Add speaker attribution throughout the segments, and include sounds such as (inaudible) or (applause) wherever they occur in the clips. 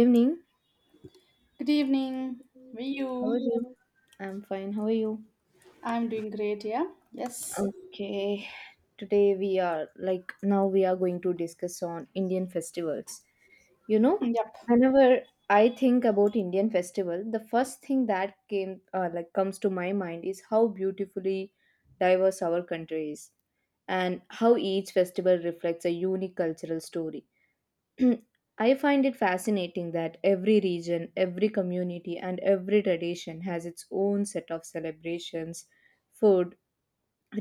Speaker 1: Evening.
Speaker 2: Good evening. How are
Speaker 1: How are
Speaker 2: you?
Speaker 1: you? I'm fine. How are you?
Speaker 2: I'm doing great, yeah? Yes.
Speaker 1: Okay. Today we are now we are going to discuss on Indian festivals. You know,
Speaker 2: Yep.
Speaker 1: whenever I think about Indian festival, the first thing that came like comes to my mind is how beautifully diverse our country is, and how each festival reflects a unique cultural story. (clears throat) I find it fascinating that every region, every community, and every tradition has its own set of celebrations, food,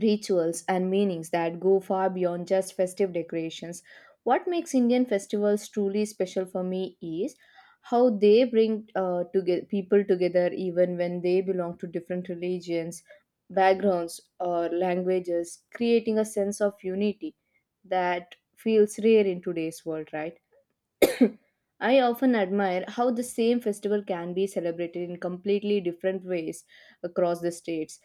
Speaker 1: rituals, and meanings that go far beyond just festive decorations. What makes Indian festivals truly special for me is how they bring people together even when they belong to different religions, backgrounds, or languages, creating a sense of unity that feels rare in today's world, right? I often admire how the same festival can be celebrated in completely different ways across the states.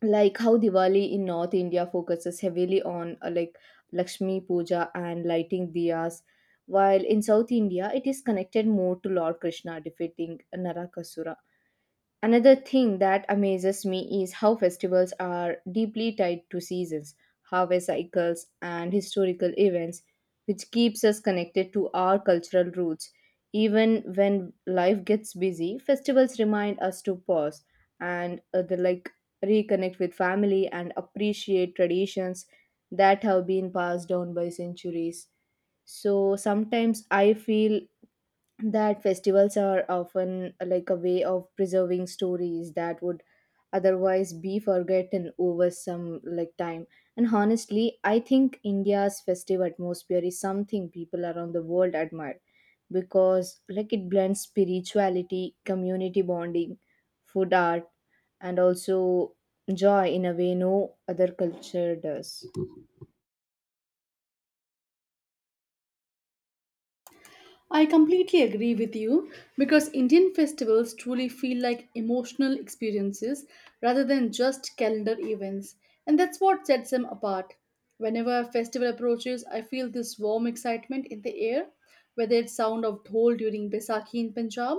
Speaker 1: Like how Diwali in North India focuses heavily on Lakshmi Puja and lighting diyas, while in South India it is connected more to Lord Krishna defeating Narakasura. Another thing that amazes me is how festivals are deeply tied to seasons, harvest cycles, and historical events, which keeps us connected to our cultural roots. Even when life gets busy, festivals remind us to pause and the, like reconnect with family and appreciate traditions that have been passed down by centuries. So sometimes I feel that festivals are often like a way of preserving stories that would otherwise be forgotten over some like time. And honestly, I think India's festive atmosphere is something people around the world admire because like it blends spirituality, community bonding, food, art, and also joy in a way no other culture does.
Speaker 2: I completely agree with you because Indian festivals truly feel like emotional experiences rather than just calendar events, and that's what sets them apart. Whenever a festival approaches, I feel this warm excitement in the air, whether it's sound of dhol during Baisakhi in Punjab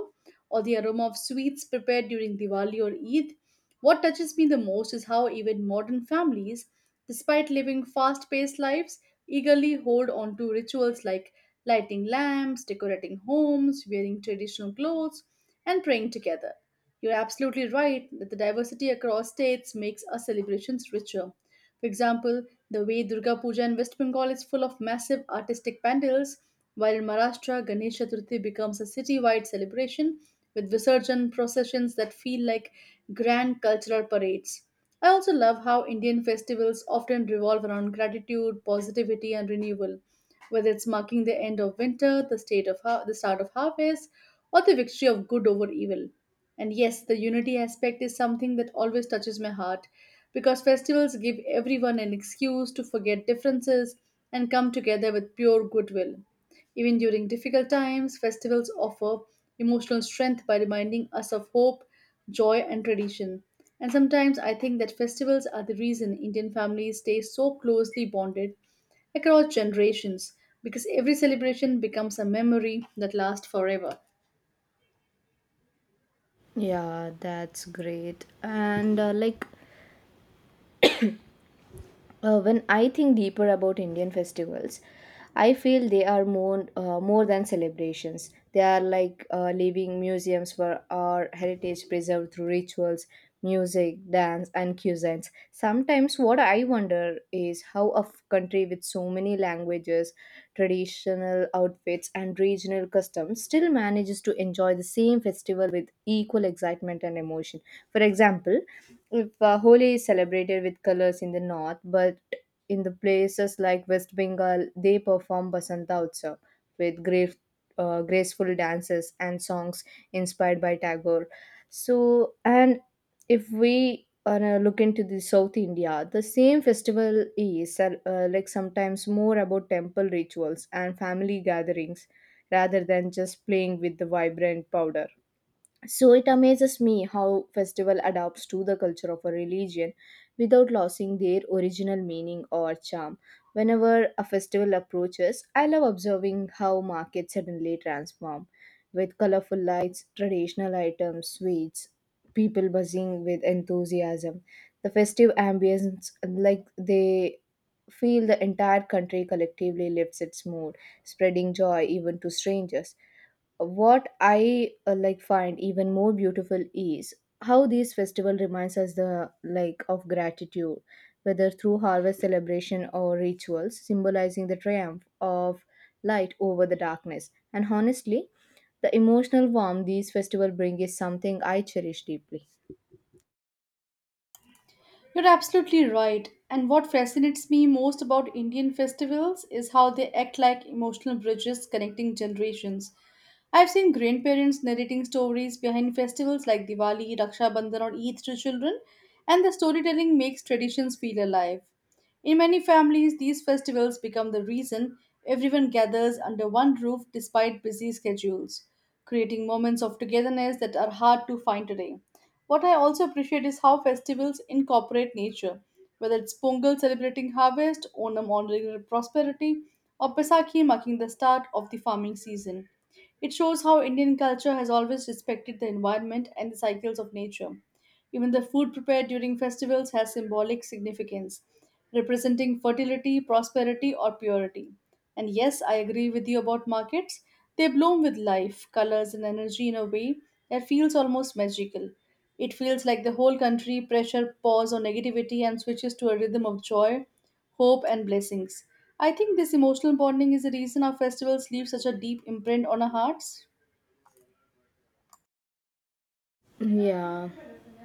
Speaker 2: or the aroma of sweets prepared during Diwali or Eid. What touches me the most is how even modern families, despite living fast paced lives, eagerly hold on to rituals like lighting lamps, decorating homes, wearing traditional clothes, and praying together. You're absolutely right that the diversity across states makes our celebrations richer. For example, the way Durga Puja in West Bengal is full of massive artistic pandals, while in Maharashtra, Ganesh Chaturthi becomes a city-wide celebration with Visarjan processions that feel like grand cultural parades. I also love how Indian festivals often revolve around gratitude, positivity, and renewal, whether it's marking the end of winter, the start of harvest, or the victory of good over evil. And yes, the unity aspect is something that always touches my heart because festivals give everyone an excuse to forget differences and come together with pure goodwill. Even during difficult times, festivals offer emotional strength by reminding us of hope, joy, and tradition. And sometimes I think that festivals are the reason Indian families stay so closely bonded across generations because every celebration becomes a memory that lasts forever.
Speaker 1: Yeah, that's great. And when I think deeper about Indian festivals, I feel they are more than celebrations. They are like living museums for our heritage, preserved through rituals, music, dance, and cuisines. Sometimes, what I wonder is how a country with so many languages, traditional outfits, and regional customs still manages to enjoy the same festival with equal excitement and emotion. For example, if Holi is celebrated with colors in the north, but in the places like West Bengal, they perform Basanta Utsav with graceful dances and songs inspired by Tagore. So, and if we are look into the South India, the same festival is sometimes more about temple rituals and family gatherings rather than just playing with the vibrant powder. So it amazes me how festival adapts to the culture of a religion without losing their original meaning or charm. Whenever a festival approaches, I love observing how markets suddenly transform with colorful lights, traditional items, sweets, people buzzing with enthusiasm. The festive ambience, like they feel the entire country collectively lifts its mood, spreading joy even to strangers. What I find even more beautiful is how these festival reminds us the like of gratitude, whether through harvest celebration or rituals symbolizing the triumph of light over the darkness. And honestly, the emotional warmth these festival bring is something I cherish deeply.
Speaker 2: You're absolutely right. And what fascinates me most about Indian festivals is how they act like emotional bridges connecting generations. I've seen grandparents narrating stories behind festivals like Diwali, Raksha Bandhan, or Eid to children, and the storytelling makes traditions feel alive. In many families, these festivals become the reason everyone gathers under one roof despite busy schedules, creating moments of togetherness that are hard to find today. What I also appreciate is how festivals incorporate nature, whether it's Pongal celebrating harvest, Onam honoring prosperity, or Baisakhi marking the start of the farming season. It shows how Indian culture has always respected the environment and the cycles of nature. Even the food prepared during festivals has symbolic significance, representing fertility, prosperity, or purity. And yes, I agree with you about markets. They bloom with life, colors, and energy in a way that feels almost magical. It feels like the whole country pressure pause on negativity and switches to a rhythm of joy, hope, and blessings. I think this emotional bonding is the reason our festivals leave such a deep imprint on our hearts.
Speaker 1: Yeah.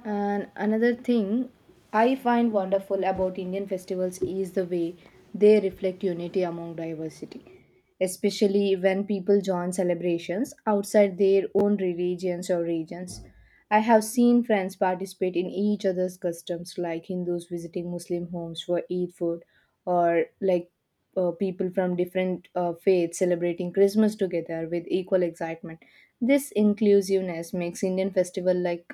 Speaker 1: And another thing I find wonderful about Indian festivals is the way they reflect unity among diversity, especially when people join celebrations outside their own religions or regions. I have seen friends participate in each other's customs, like Hindus visiting Muslim homes for Eid food, or like people from different faiths celebrating Christmas together with equal excitement. This inclusiveness makes Indian festival like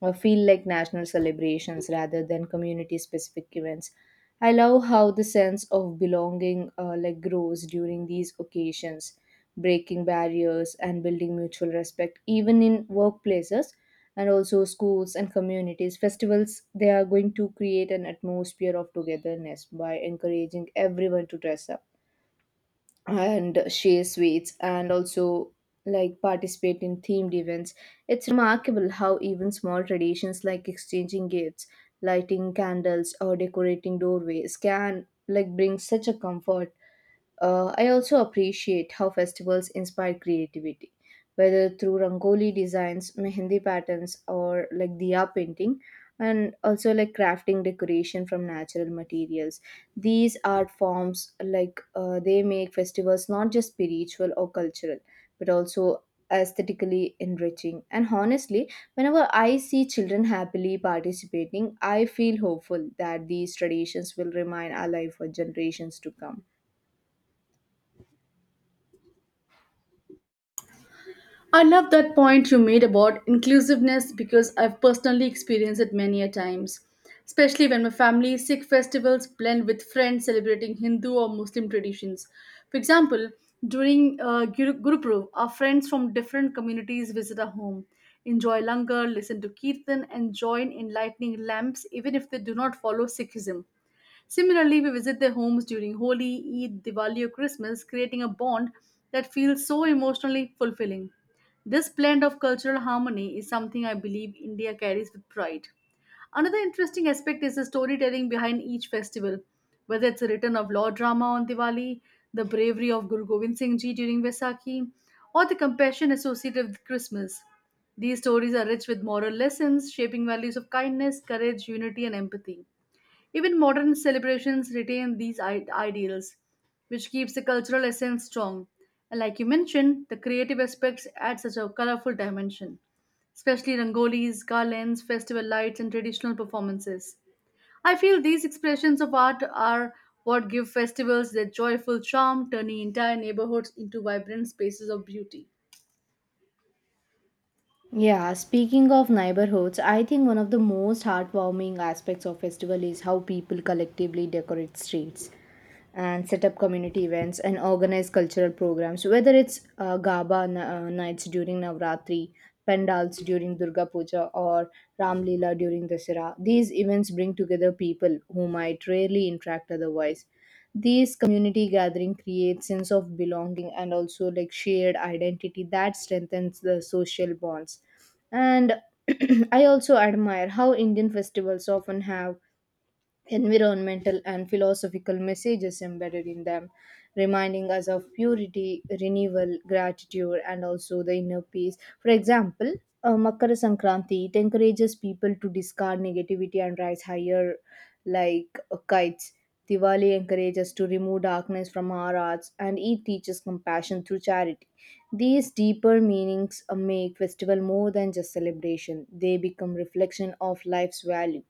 Speaker 1: or feel like national celebrations rather than community specific events. I love how the sense of belonging grows during these occasions, breaking barriers and building mutual respect even in workplaces. And also schools and communities festivals, they are going to create an atmosphere of togetherness by encouraging everyone to dress up and share sweets and also like participate in themed events. It's remarkable how even small traditions like exchanging gifts, lighting candles, or decorating doorways can like bring such a comfort. I also appreciate how festivals inspire creativity, whether through rangoli designs, mehendi patterns, or like diya painting, and also like crafting decoration from natural materials. These art forms, like they make festivals not just spiritual or cultural, but also aesthetically enriching. And honestly, whenever I see children happily participating, I feel hopeful that these traditions will remain alive for generations to come.
Speaker 2: I love that point you made about inclusiveness because I've personally experienced it many a times, especially when my family Sikh festivals blend with friends celebrating Hindu or Muslim traditions. For example, during Guru Gurupurab, our friends from different communities visit our home, enjoy langar, listen to kirtan, and join in lighting lamps, even if they do not follow Sikhism. Similarly, we visit their homes during Holi, Eid, Diwali, or Christmas, creating a bond that feels so emotionally fulfilling. This blend of cultural harmony is something I believe India carries with pride. Another interesting aspect is the storytelling behind each festival, whether it's a return of law drama on Diwali, the bravery of Guru Gobind Singh Ji during Vaisakhi, or the compassion associated with Christmas. These stories are rich with moral lessons, shaping values of kindness, courage, unity, and empathy. Even modern celebrations retain these ideals, which keeps the cultural essence strong. And like you mentioned, the creative aspects add such a colorful dimension, especially rangolis, garlands, festival lights, and traditional performances. I feel these expressions of art are what give festivals their joyful charm, turning entire neighborhoods into vibrant spaces of beauty.
Speaker 1: Yeah, speaking of neighborhoods, I think one of the most heartwarming aspects of festival is how people collectively decorate streets and set up community events and organize cultural programs. Whether it's nights during Navratri, pandals during Durga Puja, or Ram Leela during Dasara, these events bring together people who might rarely interact otherwise. These community gathering creates sense of belonging and also like shared identity that strengthens the social bonds. And (clears throat) I also admire how Indian festivals often have environmental and philosophical messages embedded in them, reminding us of purity, renewal, gratitude, and also the inner peace. For example, Makara Sankranti, it encourages people to discard negativity and rise higher, like kites. Diwali encourages to remove darkness from our hearts, and it teaches compassion through charity. These deeper meanings make festival more than just celebration; they become reflection of life's value.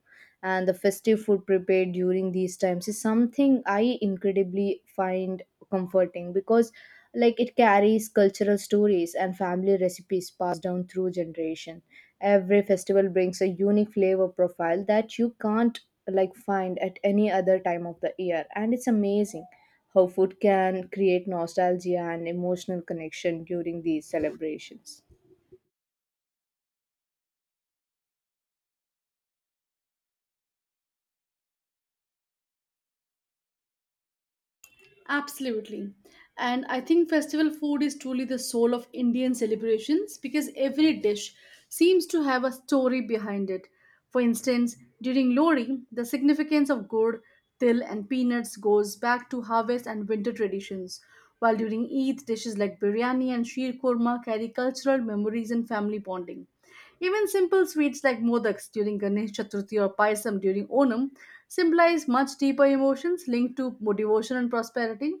Speaker 1: And the festive food prepared during these times is something I incredibly find comforting because like it carries cultural stories and family recipes passed down through generation. Every festival brings a unique flavor profile that you can't like find at any other time of the year. And it's amazing how food can create nostalgia and emotional connection during these celebrations.
Speaker 2: Absolutely. And I think festival food is truly the soul of Indian celebrations because every dish seems to have a story behind it. For instance, during Lori, the significance of gourd, til, and peanuts goes back to harvest and winter traditions, while during Eid, dishes like biryani and sheer korma carry cultural memories and family bonding. Even simple sweets like modaks during Ganesh Chaturthi or paisam during Onam symbolize much deeper emotions linked to devotion and prosperity.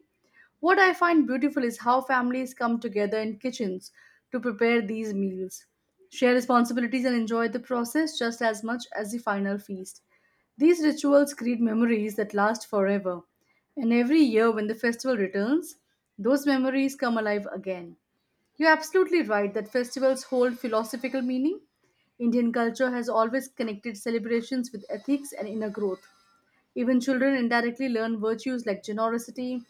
Speaker 2: What I find beautiful is how families come together in kitchens to prepare these meals, share responsibilities, and enjoy the process just as much as the final feast. These rituals create memories that last forever, and every year when the festival returns, those memories come alive again. You're absolutely right that festivals hold philosophical meaning. Indian culture has always connected celebrations with ethics and inner growth. Even children indirectly learn virtues like generosity,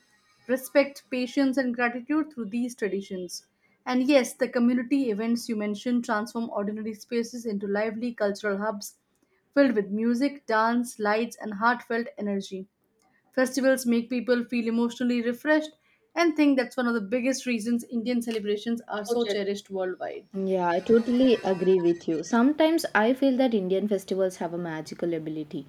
Speaker 2: respect, patience, and gratitude through these traditions. And yes, the community events you mentioned transform ordinary spaces into lively cultural hubs filled with music, dance, lights, and heartfelt energy. Festivals make people feel emotionally refreshed and think that's one of the biggest reasons Indian celebrations are so cherished worldwide.
Speaker 1: Yeah, I totally agree with you. Sometimes I feel that Indian festivals have a magical ability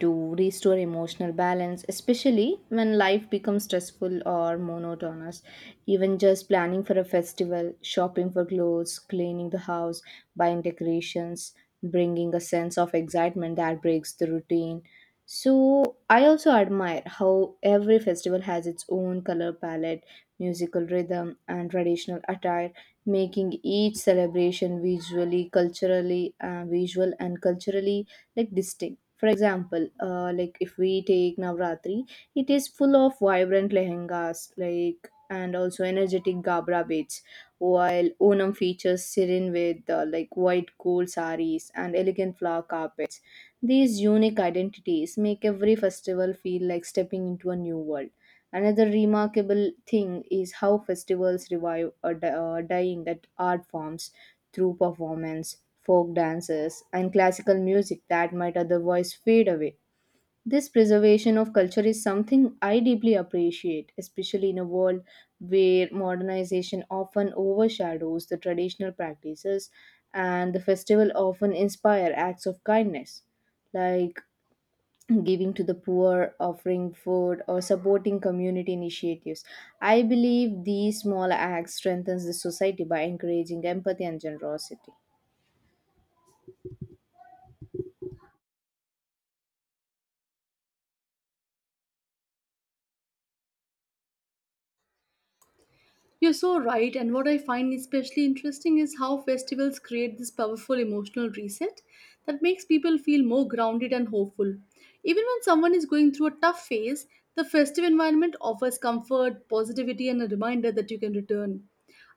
Speaker 1: to restore emotional balance, especially when life becomes stressful or monotonous. Even just planning for a festival, shopping for clothes, cleaning the house, buying decorations, bringing a sense of excitement that breaks the routine. So, I also admire how every festival has its own color palette, musical rhythm, and traditional attire, making each celebration visual and culturally like distinct. For example, if we take Navratri, it is full of vibrant lehengas like and also energetic gabra beads, while Onam features serene with white gold saris and elegant flower carpets. These unique identities make every festival feel like stepping into a new world. Another remarkable thing is how festivals revive a dying that art forms through performance, folk dances, and classical music that might otherwise fade away. This preservation of culture is something I deeply appreciate, especially in a world where modernization often overshadows the traditional practices. And the festival often inspire acts of kindness, like giving to the poor, offering food, or supporting community initiatives. I believe these small acts strengthens the society by encouraging empathy and generosity.
Speaker 2: You're so right, and what I find especially interesting is how festivals create this powerful emotional reset that makes people feel more grounded and hopeful. Even when someone is going through a tough phase, the festive environment offers comfort, positivity, and a reminder that you can return.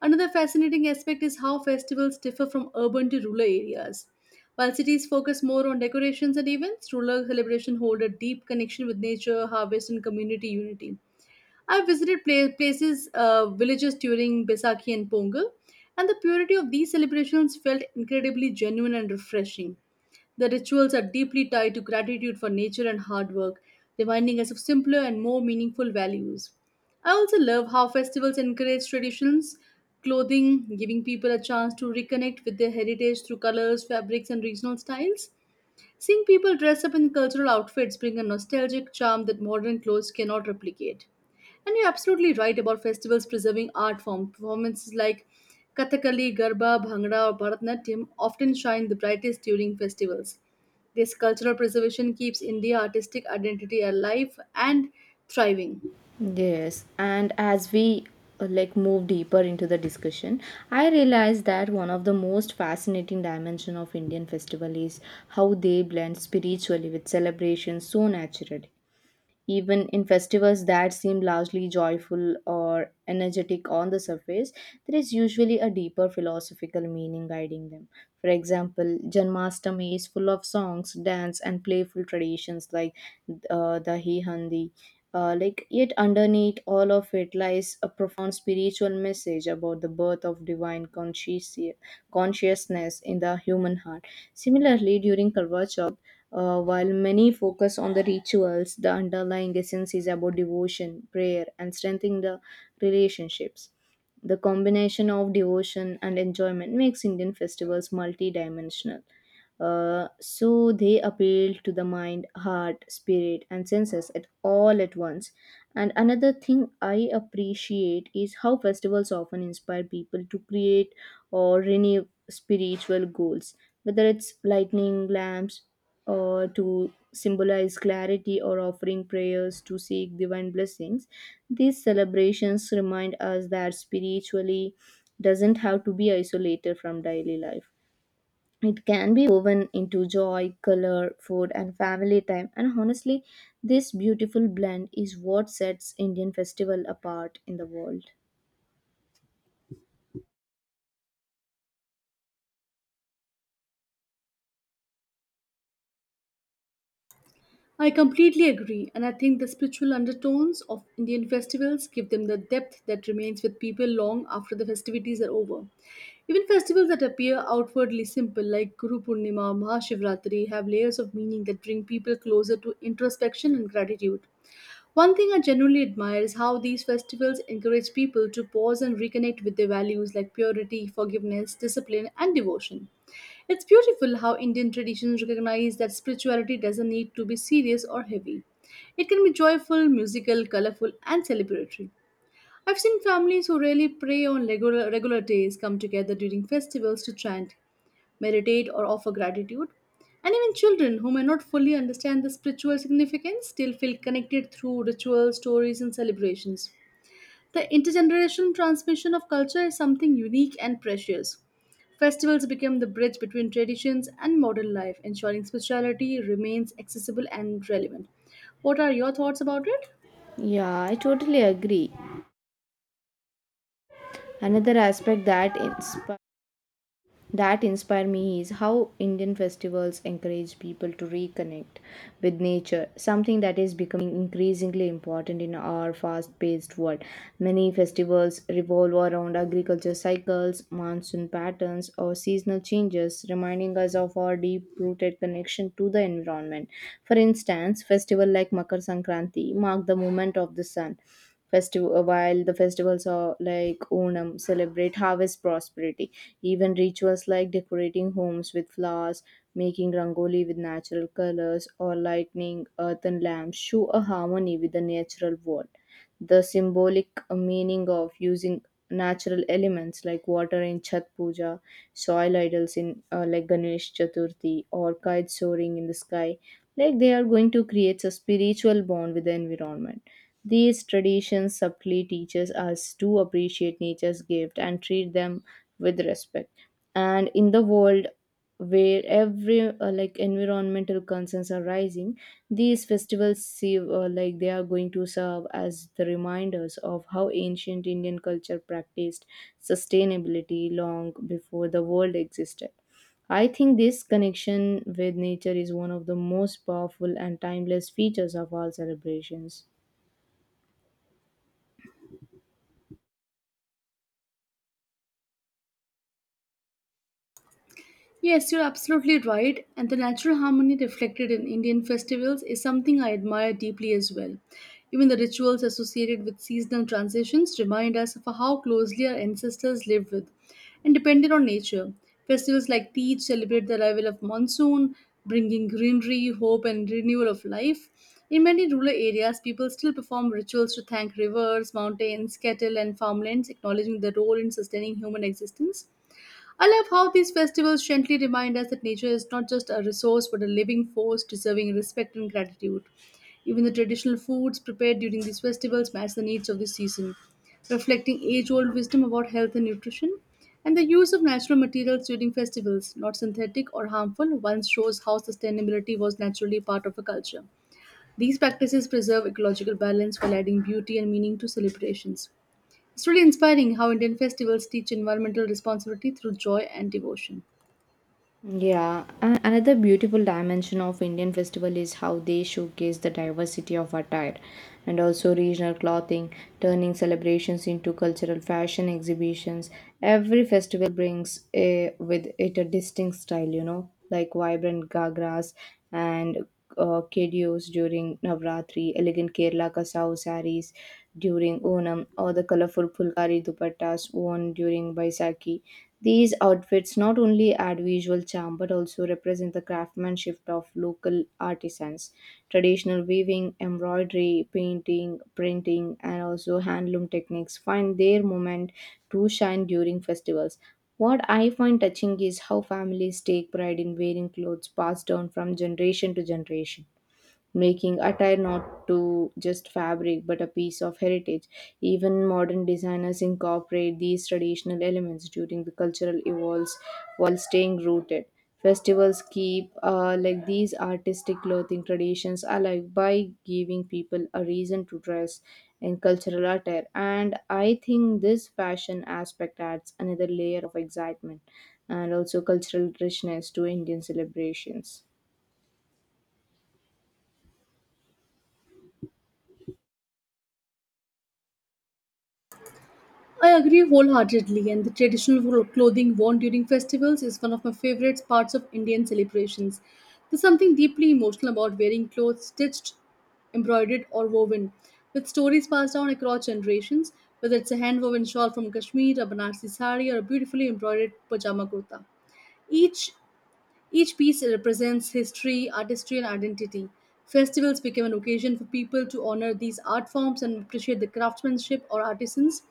Speaker 2: Another fascinating aspect is how festivals differ from urban to rural areas. While cities focus more on decorations and events, rural celebrations hold a deep connection with nature, harvest, and community unity. I visited places, villages during Besaki and Pongal, and the purity of these celebrations felt incredibly genuine and refreshing. The rituals are deeply tied to gratitude for nature and hard work, reminding us of simpler and more meaningful values. I also love how festivals encourage traditions, clothing, giving people a chance to reconnect with their heritage through colors, fabrics, and regional styles. Seeing people dress up in cultural outfits bring a nostalgic charm that modern clothes cannot replicate. And you're absolutely right about festivals preserving art form. Performances like Kathakali, Garba, Bhangra, or Bharatanatyam often shine the brightest during festivals. This cultural preservation keeps India's artistic identity alive and thriving.
Speaker 1: Yes, and as we move deeper into the discussion, I realized that one of the most fascinating dimension of Indian festival is how they blend spiritually with celebration so naturally. Even in festivals that seem largely joyful or energetic on the surface, there is usually a deeper philosophical meaning guiding them. For example, Janmashtami is full of songs, dance, and playful traditions like the Hi Handi. Yet underneath all of it lies a profound spiritual message about the birth of divine consciousness in the human heart. Similarly, during Karva Chauth, while many focus on the rituals, the underlying essence is about devotion, prayer, and strengthening the relationships. The combination of devotion and enjoyment makes Indian festivals multidimensional. So they appeal to the mind, heart, spirit, and senses at all at once. And another thing I appreciate is how festivals often inspire people to create or renew spiritual goals, whether it's lightning lamps or to symbolize clarity or offering prayers to seek divine blessings. These celebrations remind us that spiritually doesn't have to be isolated from daily life. It can be woven into joy, color, food, and family time. And honestly, this beautiful blend is what sets Indian festival apart in the world.
Speaker 2: I completely agree, and I think the spiritual undertones of Indian festivals give them the depth that remains with people long after the festivities are over. Even festivals that appear outwardly simple, like Guru Purnima or Mahashivratri, have layers of meaning that bring people closer to introspection and gratitude. One thing I genuinely admire is how these festivals encourage people to pause and reconnect with their values like purity, forgiveness, discipline, and devotion. It's beautiful how Indian traditions recognize that spirituality doesn't need to be serious or heavy. It can be joyful, musical, colorful, and celebratory. I've seen families who rarely pray on regular days come together during festivals to chant, meditate, or offer gratitude. And even children who may not fully understand the spiritual significance still feel connected through rituals, stories, and celebrations. The intergenerational transmission of culture is something unique and precious. Festivals become the bridge between traditions and modern life, ensuring spirituality remains accessible and relevant. What are your thoughts about it?
Speaker 1: Yeah, I totally agree. Another aspect that inspires that inspire me is how Indian festivals encourage people to reconnect with nature, something that is becoming increasingly important in our fast paced world. Many festivals revolve around agriculture cycles, monsoon patterns, or seasonal changes, reminding us of our deep rooted connection to the environment. For instance, festival like Makar Sankranti mark the movement of the sun festival, while the festivals are like Onam celebrate harvest prosperity. Even rituals like decorating homes with flowers, making rangoli with natural colors, or lighting earthen lamps show a harmony with the natural world. The symbolic meaning of using natural elements like water in Chhat Puja, soil idols in like Ganesh Chaturthi, or kites soaring in the sky, like they are going to create a spiritual bond with the environment. These traditions subtly teaches us to appreciate nature's gift and treat them with respect. And in the world where every like environmental concerns are rising, these festivals serve like they are going to serve as the reminders of how ancient Indian culture practiced sustainability long before the world existed. I think this connection with nature is one of the most powerful and timeless features of all celebrations.
Speaker 2: Yes, you're absolutely right, and the natural harmony reflected in Indian festivals is something I admire deeply as well. Even the rituals associated with seasonal transitions remind us of how closely our ancestors lived with and depended on nature. Festivals like Teej celebrate the arrival of monsoon, bringing greenery, hope, and renewal of life. In many rural areas, people still perform rituals to thank rivers, mountains, cattle, and farmlands, acknowledging their role in sustaining human existence. I love how these festivals gently remind us that nature is not just a resource but a living force deserving respect and gratitude. Even the traditional foods prepared during these festivals match the needs of the season, reflecting age old wisdom about health and nutrition. And the use of natural materials during festivals, not synthetic or harmful, once shows how sustainability was naturally part of a culture. These practices preserve ecological balance while adding beauty and meaning to celebrations. It's really inspiring how Indian festivals teach environmental responsibility through joy and devotion.
Speaker 1: Yeah, another beautiful dimension of Indian festival is how they showcase the diversity of attire and also regional clothing, turning celebrations into cultural fashion exhibitions. Every festival brings with it a distinct style, you know, like vibrant gagras and kedios during Navratri, elegant Kerala kasau saris during Onam, or the colorful Pulkari dupattas worn during Baisakhi. These outfits not only add visual charm but also represent the craftsmanship of local artisans. Traditional weaving, embroidery, painting, printing, and also handloom techniques find their moment to shine during festivals. What I find touching is how families take pride in wearing clothes passed down from generation to generation, making attire not to just fabric but a piece of heritage. Even modern designers incorporate these traditional elements during the cultural evolves while staying rooted. Festivals keep like these artistic clothing traditions alive by giving people a reason to dress in cultural attire, and I think this fashion aspect adds another layer of excitement and also cultural richness to Indian celebrations.
Speaker 2: I agree wholeheartedly, and the traditional clothing worn during festivals is one of my favorite parts of Indian celebrations. There's something deeply emotional about wearing clothes stitched, embroidered, or woven, with stories passed down across generations, whether it's a hand woven shawl from Kashmir, a Banarsi sari, or a beautifully embroidered pajama kurta. Each Each piece represents history, artistry, and identity. Festivals became an occasion for people to honor these art forms and appreciate the craftsmanship or artisans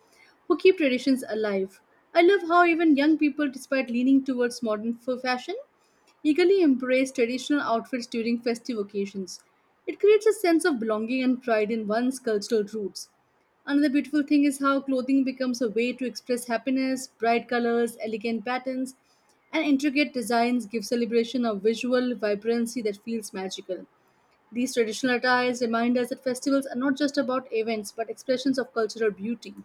Speaker 2: who keep traditions alive. I love how even young people, despite leaning towards modern fashion, eagerly embrace traditional outfits during festive occasions. It creates a sense of belonging and pride in one's cultural roots. Another beautiful thing is how clothing becomes a way to express happiness. Bright colors, elegant patterns, and intricate designs give celebration a visual vibrancy that feels magical. These traditional attires remind us that festivals are not just about events but expressions of cultural beauty.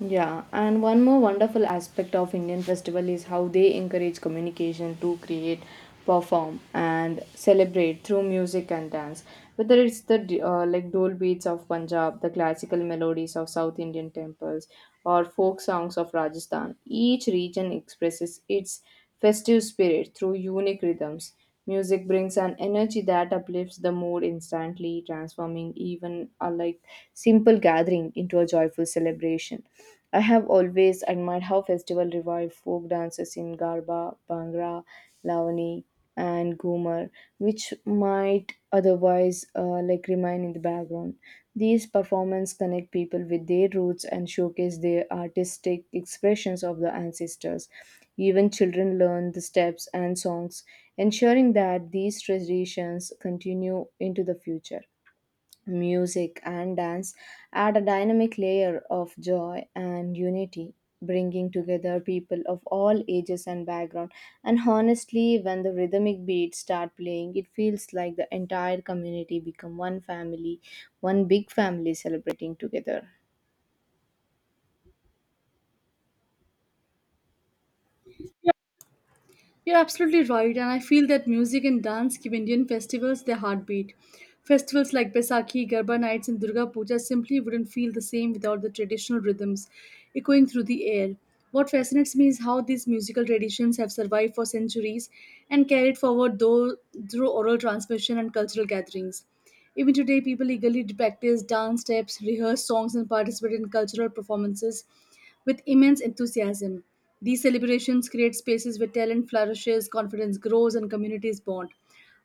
Speaker 1: Yeah, and one more wonderful aspect of Indian festival is how they encourage communication to create, perform, and celebrate through music and dance. Whether it's the like dole beats of Punjab, the classical melodies of South Indian temples, or folk songs of Rajasthan, each region expresses its festive spirit through unique rhythms. Music brings an energy that uplifts the mood instantly, transforming even a like simple gathering into a joyful celebration. I have always admired how festival revive folk dances in Garba, Bhangra, Lavani, and Ghumar, which might otherwise like remain in the background. These performances connect people with their roots and showcase their artistic expressions of the ancestors. Even children learn the steps and songs, ensuring that these traditions continue into the future. Music and dance add a dynamic layer of joy and unity, bringing together people of all ages and background. And honestly, when the rhythmic beats start playing, it feels like the entire community become one family, one big family celebrating together.
Speaker 2: You're absolutely right, and I feel that music and dance give Indian festivals their heartbeat. Festivals like Baisakhi, Garba nights, and Durga Puja simply wouldn't feel the same without the traditional rhythms echoing through the air. What fascinates me is how these musical traditions have survived for centuries and carried forward through oral transmission and cultural gatherings. Even today, people eagerly practice dance steps, rehearse songs, and participate in cultural performances with immense enthusiasm. These celebrations create spaces where talent flourishes, confidence grows, and communities bond.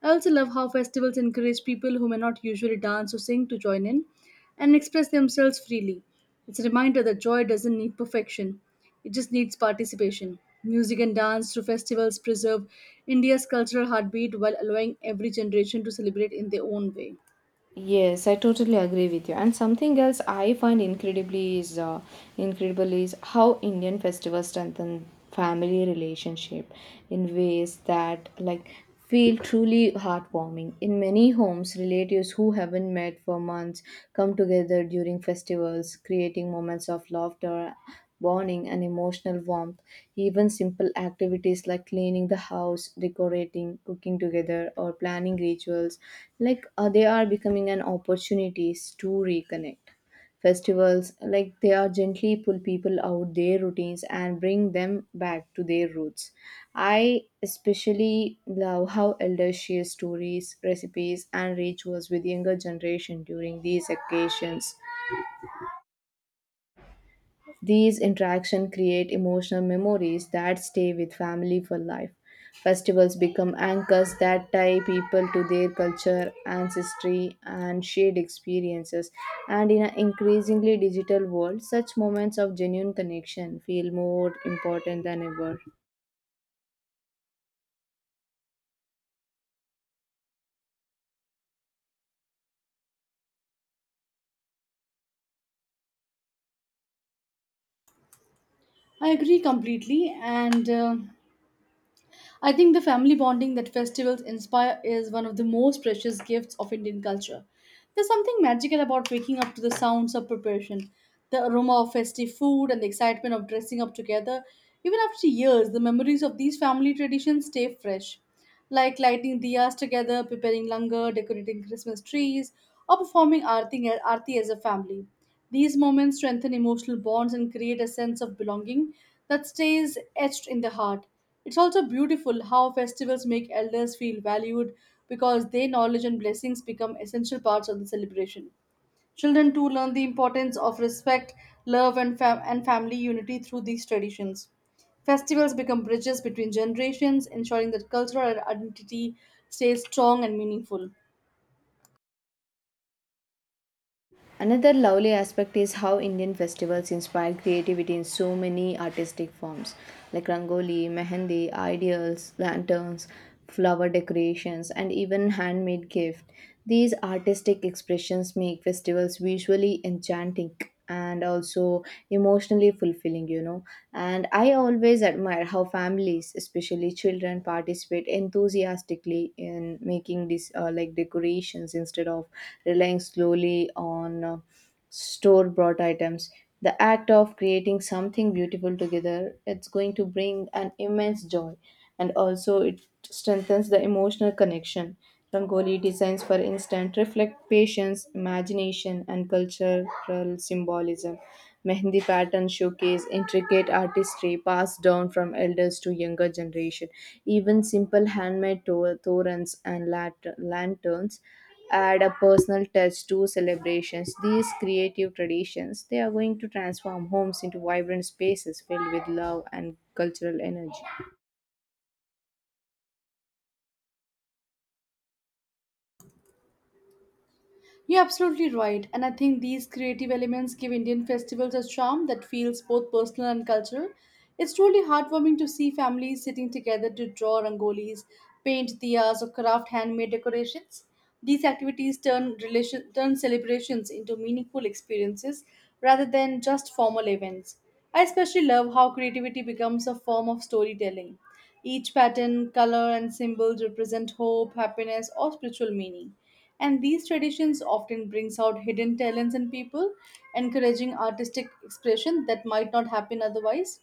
Speaker 2: I also love how festivals encourage people who may not usually dance or sing to join in and express themselves freely. It's a reminder that joy doesn't need perfection, it just needs participation. Music and dance through festivals preserve India's cultural heartbeat while allowing every generation to celebrate in their own way.
Speaker 1: Yes, I totally agree with you. And something else I find incredibly is incredible is how Indian festivals strengthen family relationship in ways that like feel truly heartwarming. In many homes, relatives who haven't met for months come together during festivals, creating moments of laughter, bonding, and emotional warmth. Even simple activities like cleaning the house, decorating, cooking together, or planning rituals, they are becoming an opportunities to reconnect. Festivals, like they are gently pull people out their routines and bring them back to their roots. I especially love how elders share stories, recipes, and rituals with younger generation during these occasions. These interactions create emotional memories that stay with family for life. Festivals become anchors that tie people to their culture, ancestry, and shared experiences. And in an increasingly digital world, such moments of genuine connection feel more important than ever.
Speaker 2: I agree completely, and I think the family bonding that festivals inspire is one of the most precious gifts of Indian culture. There's something magical about waking up to the sounds of preparation, the aroma of festive food, and the excitement of dressing up together. Even after years, the memories of these family traditions stay fresh, like lighting diyas together, preparing langar, decorating Christmas trees, or performing aarti as a family. These moments strengthen emotional bonds and create a sense of belonging that stays etched in the heart. It's also beautiful how festivals make elders feel valued because their knowledge and blessings become essential parts of the celebration. Children too learn the importance of respect, love, and family unity through these traditions. Festivals become bridges between generations, ensuring that cultural identity stays strong and meaningful.
Speaker 1: Another lovely aspect is how Indian festivals inspire creativity in so many artistic forms like rangoli, mehendi, ideals, lanterns, flower decorations, and even handmade gift. These artistic expressions make festivals visually enchanting and also emotionally fulfilling, you know. And I always admire how families, especially children, participate enthusiastically in making these like decorations instead of relying slowly on store bought items. The act of creating something beautiful together, it's going to bring an immense joy, and also it strengthens the emotional connection. Rangoli designs, for instance, reflect patience, imagination, and cultural symbolism. Mehndi patterns showcase intricate artistry passed down from elders to younger generation. Even simple handmade torans and lanterns add a personal touch to celebrations. These creative traditions, they are going to transform homes into vibrant spaces filled with love and cultural energy.
Speaker 2: You're absolutely right, and I think these creative elements give Indian festivals a charm that feels both personal and cultural. It's truly heartwarming to see families sitting together to draw rangolis, paint diyas, or craft handmade decorations. These activities turn celebrations into meaningful experiences rather than just formal events. I especially love how creativity becomes a form of storytelling. Each pattern, color, and symbol represent hope, happiness, or spiritual meaning, and these traditions often brings out hidden talents in people, encouraging artistic expression that might not happen otherwise.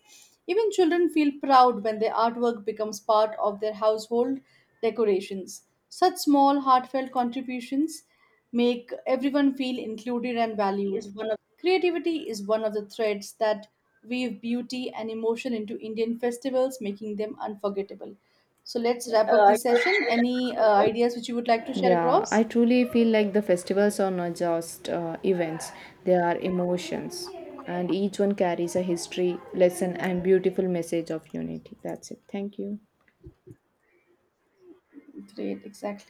Speaker 2: Even children feel proud when their artwork becomes part of their household decorations. Such small heartfelt contributions make everyone feel included and valued.
Speaker 1: Is one
Speaker 2: Creativity is one of the threads that weave beauty and emotion into Indian festivals, making them unforgettable. So let's
Speaker 1: Yeah,
Speaker 2: wrap up
Speaker 1: it
Speaker 2: this
Speaker 1: was
Speaker 2: session.
Speaker 1: true that it
Speaker 2: Any ideas which
Speaker 1: was-
Speaker 2: you would like to share
Speaker 1: Yeah, I
Speaker 2: across?
Speaker 1: truly feel like the festivals are not just events, they are emotions. And each one carries a history, lesson, and beautiful message of unity. That's it. Thank you.
Speaker 2: Great, exactly.